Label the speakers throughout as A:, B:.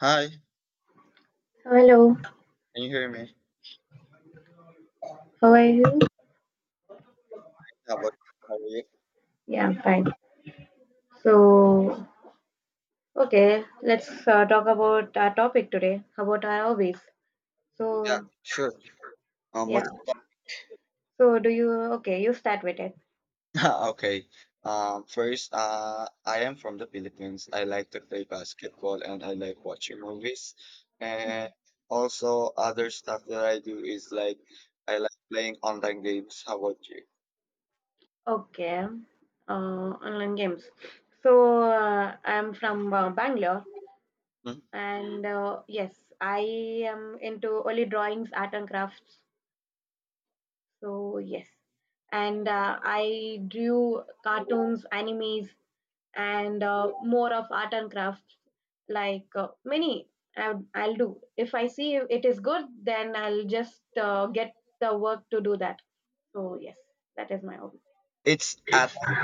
A: Hi,
B: Hello,
A: can you hear me?
B: how are you?
A: How about how are you?
B: Yeah, I'm fine. So, okay, let's talk about our topic today, about our hobbies.
A: Yeah,
B: So,
A: sure.
B: yeah.
A: What's
B: So, okay, you start with it.
A: okay? First, I am from the Philippines. I like to play basketball and I like watching movies. And
B: Mhm.
A: also, other stuff that I do is like I like playing online games. How about you?
B: Okay, online games. So, I'm from Bangalore,
A: Hmm?
B: and yes, I am into only drawings, art, and crafts. So, yes. And I drew cartoons, animes, and more of art and crafts like, I'll do if I see it is good, then I'll just get the work to do that. So yes, that is my hobby.
A: It's Atan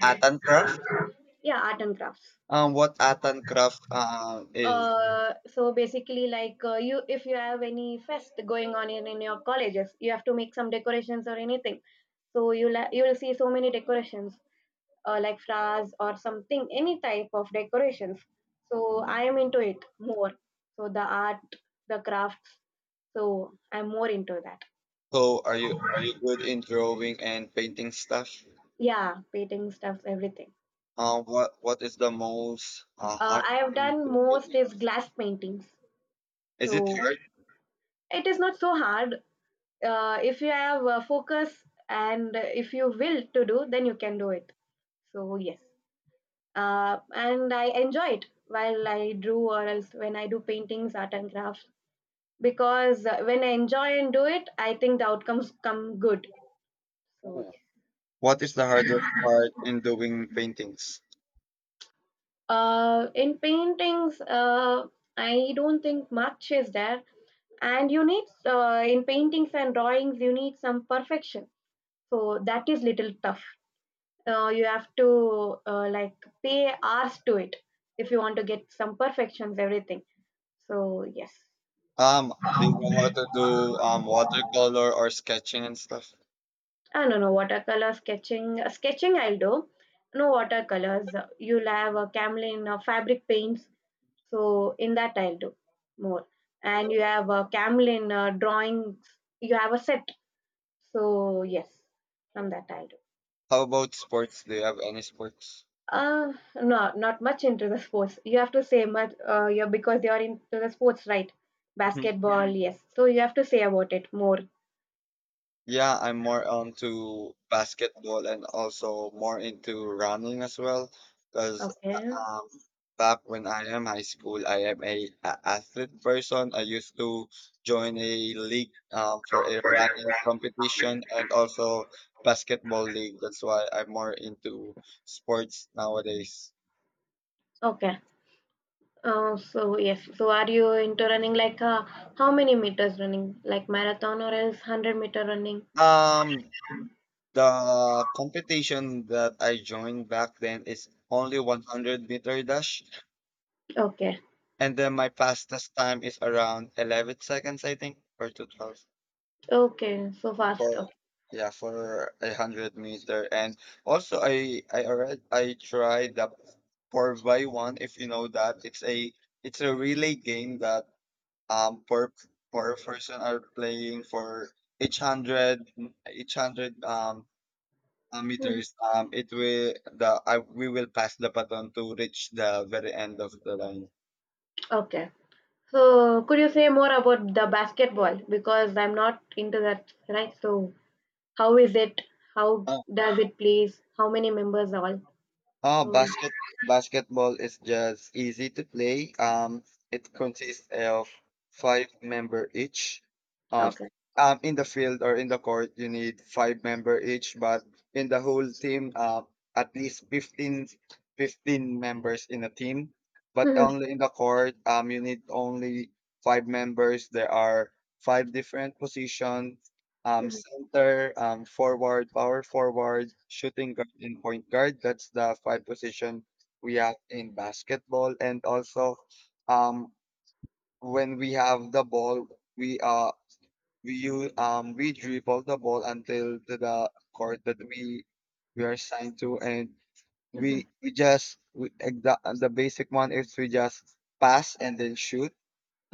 A: Atan Craft.
B: Yeah, art and crafts.
A: What Atan Craft is?
B: So basically, like, you if you have any fest going on in your colleges, you have to make some decorations or anything. So you'll see so many decorations, like flowers or something, any type of decorations. So I am into it more, so the art, the crafts, so I'm more into that.
A: So, are you good in drawing and painting stuff?
B: Yeah, painting stuff, everything.
A: What is the most hard
B: I have
A: in
B: done
A: the
B: most
A: painting?
B: is glass paintings.
A: Is
B: So
A: it hard?
B: it is not so hard. If you have focus, and if you will to do, then you can do it. So yes. And I enjoy it while I drew, or else when I do paintings, art, and crafts, because when I enjoy and do it, I think the outcomes come good. So
A: Ooh.
B: yes.
A: What is the hardest part in doing paintings?
B: In paintings, I don't think much is there, and you need in paintings and drawings you need some perfection. So that is little tough. You have to like pay hours to it if you want to get some perfections, everything. So yes.
A: Do you know how to do watercolor or sketching and stuff?
B: I don't know watercolor sketching. Sketching I will do. No watercolors. You'll have a camelin fabric paints. So in that I'll do more. And you have a camelin drawings. You have a set. So yes, from that I'll do.
A: How about sports? Do you have any sports?
B: Uh, no, not much into the sports. You have to say much. You're because you're into the sports, right? Basketball, yes. So you have to say about it more.
A: Yeah, I'm more onto basketball and also more into running as well. Because
B: Okay.
A: um, back when I am high school, I am a athlete person. I used to join a league for a running competition and also basketball league. That's why I'm more into sports nowadays.
B: Okay. So yes, so are you into running like how many meters running, like marathon or else 100 meter running?
A: Um, the competition that I joined back then is only 100-meter dash.
B: Okay,
A: And then my fastest time is around 11 seconds, I think, or to 12.
B: okay, so
A: For,
B: fast. Okay.
A: yeah, for a 100 meter. And also, I tried the 4 by one if you know that. It's a relay game that um per person are playing for each hundred each hundred
B: Hmm.
A: meters. It will the I we will pass the baton to reach the very end of the line.
B: Okay. So could you say more about the basketball because I'm not into that, right? So how is it? How does it plays? How many members all?
A: Oh,
B: So
A: basketball is just easy to play. It consists of five member each. Uh,
B: okay.
A: in the field or in the court, you need five member each, but in the whole team, at least 15 members in a team. But
B: Hmm.
A: only in the court, you need only five members. There are five different positions
B: Hmm.
A: center, forward, power forward, shooting guard, and point guard. That's the five position we have in basketball. And also, um, when we have the ball, we uh we use we dribble the ball until to the court that we are assigned to, and
B: Hmm.
A: we, like the basic one is we just pass and then shoot.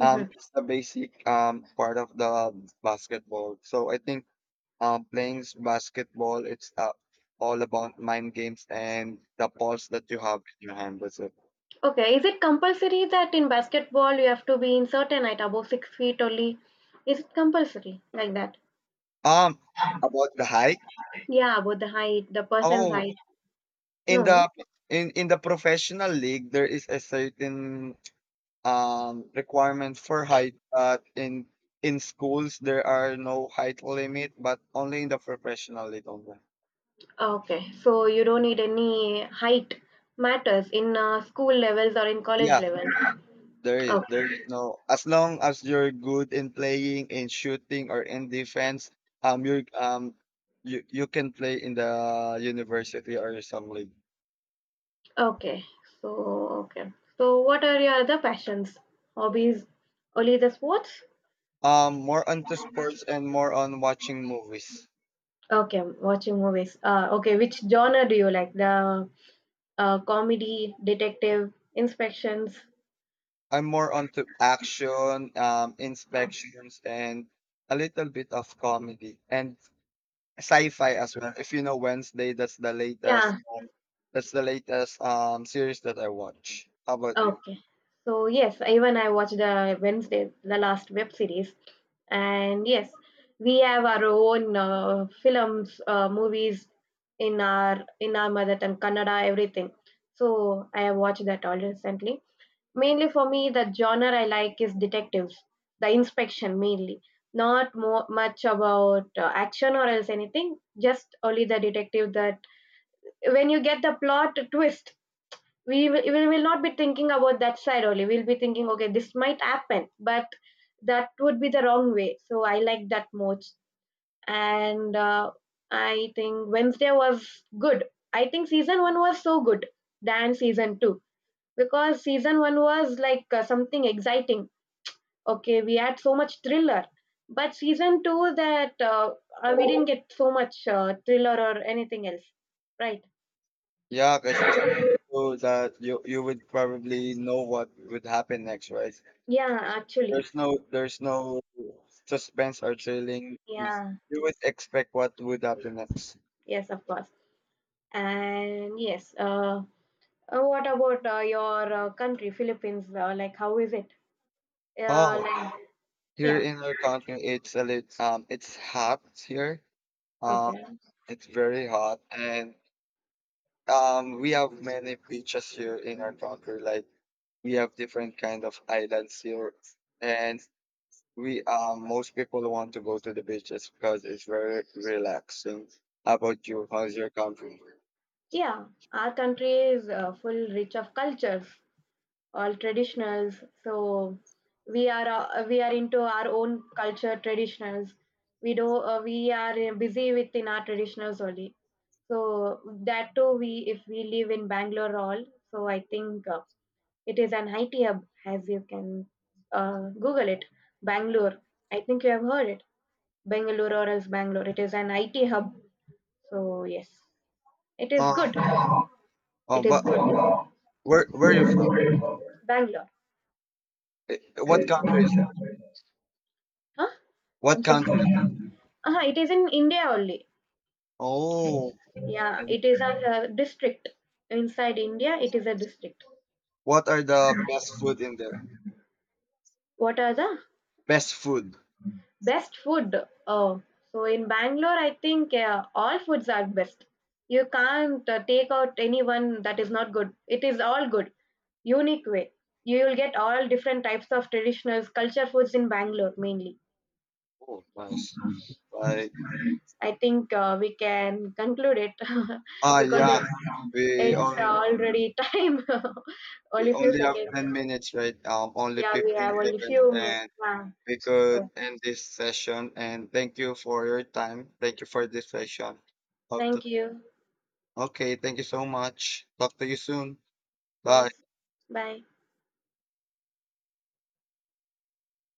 A: It's the basic part of the basketball. So I think playing basketball, it's all about mind games and the balls that you have in your hand. That's it.
B: Okay. Is it compulsory that in basketball you have to be in certain height above 6 feet only? Is it compulsory like that?
A: Um, about the hike.
B: Yeah, about the height, the person's
A: Oh,
B: height.
A: in
B: No.
A: the in the professional league, there is a certain requirement for height, but in schools there are no height limit, but only in the professional league only.
B: Okay. So you don't need any height matters in school levels or in college
A: Yeah.
B: levels.
A: There is
B: Okay.
A: no as long as you're good in playing, in shooting or in defense, um you're um you you can play in the university or some league.
B: Okay. So, okay. So what are your other passions? Hobbies? Only the sports?
A: More onto sports and more on watching movies.
B: Okay, watching movies. Okay, which genre do you like? The comedy, detective, inspections.
A: I'm more onto action,
B: Oh,
A: inspections and a little bit of comedy and sci-fi as well. If you know Wednesday, that's the latest
B: yeah.
A: series that I watch. How about you?
B: Okay. So yes, even I watched the Wednesday, the last web series, and yes, we have our own films, movies in our mother tongue, Kannada, everything. So I have watched that all recently. Mainly for me, the genre I like is detectives, the inspection mainly. Not more much about action or else anything. Just only the detective that when you get the plot twist, we will not be thinking about that side, only we'll be thinking okay, this might happen, but that would be the wrong way, so I like that most. And I think Wednesday was good. I think season 1 was so good than season 2, because season 1 was like something exciting. Okay, we had so much thriller, but season 2 that we didn't get so much thriller or anything else, right?
A: Yeah, because just so that you would probably know what would happen next, right?
B: Yeah, actually.
A: There's no suspense or thrilling.
B: Yeah.
A: You would expect what would happen next.
B: Yes, of course. And yes, what about your country, Philippines? Like, how is it?
A: Oh,
B: Like,
A: here
B: yeah,
A: in our country, it's a lit it's hot here. Um,
B: okay,
A: it's very hot, and we have many beaches here in our country. Like we have different kind of islands here, and we most people want to go to the beaches because it's very relaxing. How about you? How's your country?
B: yeah. Our country is full rich of cultures, all traditionals. So we are into our own culture, traditionals. We are busy within our traditionals only. So that too, we if we live in Bangalore, all. So I think. It is an IT hub, as you can Google it. Bangalore. I think you have heard it. Bangalore or else Bangalore. It is an IT hub. So, yes, it is
A: Uh,
B: good.
A: oh,
B: It is
A: but
B: good.
A: where are you from?
B: Bangalore.
A: What country is that?
B: Huh? I'm
A: What
B: so sorry.
A: country?
B: Uh-huh, it is in India only.
A: Oh,
B: Yeah,
A: and
B: it is a district. Inside India, it is a district.
A: what are the best food in there?
B: What are the
A: Best food.
B: Best food. Oh, so in Bangalore, I think all foods are best. You can't take out anyone that is not good. It is all good, unique way. You will get all different types of traditional culture foods in Bangalore mainly.
A: Oh, nice.
B: Yes.
A: Like
B: I think we can conclude it
A: ah
B: because it's,
A: yeah, we
B: it's
A: only
B: already time.
A: we
B: Only few
A: only have
B: seconds.
A: 10 minutes, right? Only
B: Yeah, we
A: fifteen
B: have only
A: seconds,
B: few.
A: and
B: Yeah.
A: we could
B: So,
A: end this session. And thank you for your time. Thank you for this session. Hope to
B: thank you.
A: okay, thank you so much. Talk to you soon. Bye.
B: Yes. Bye.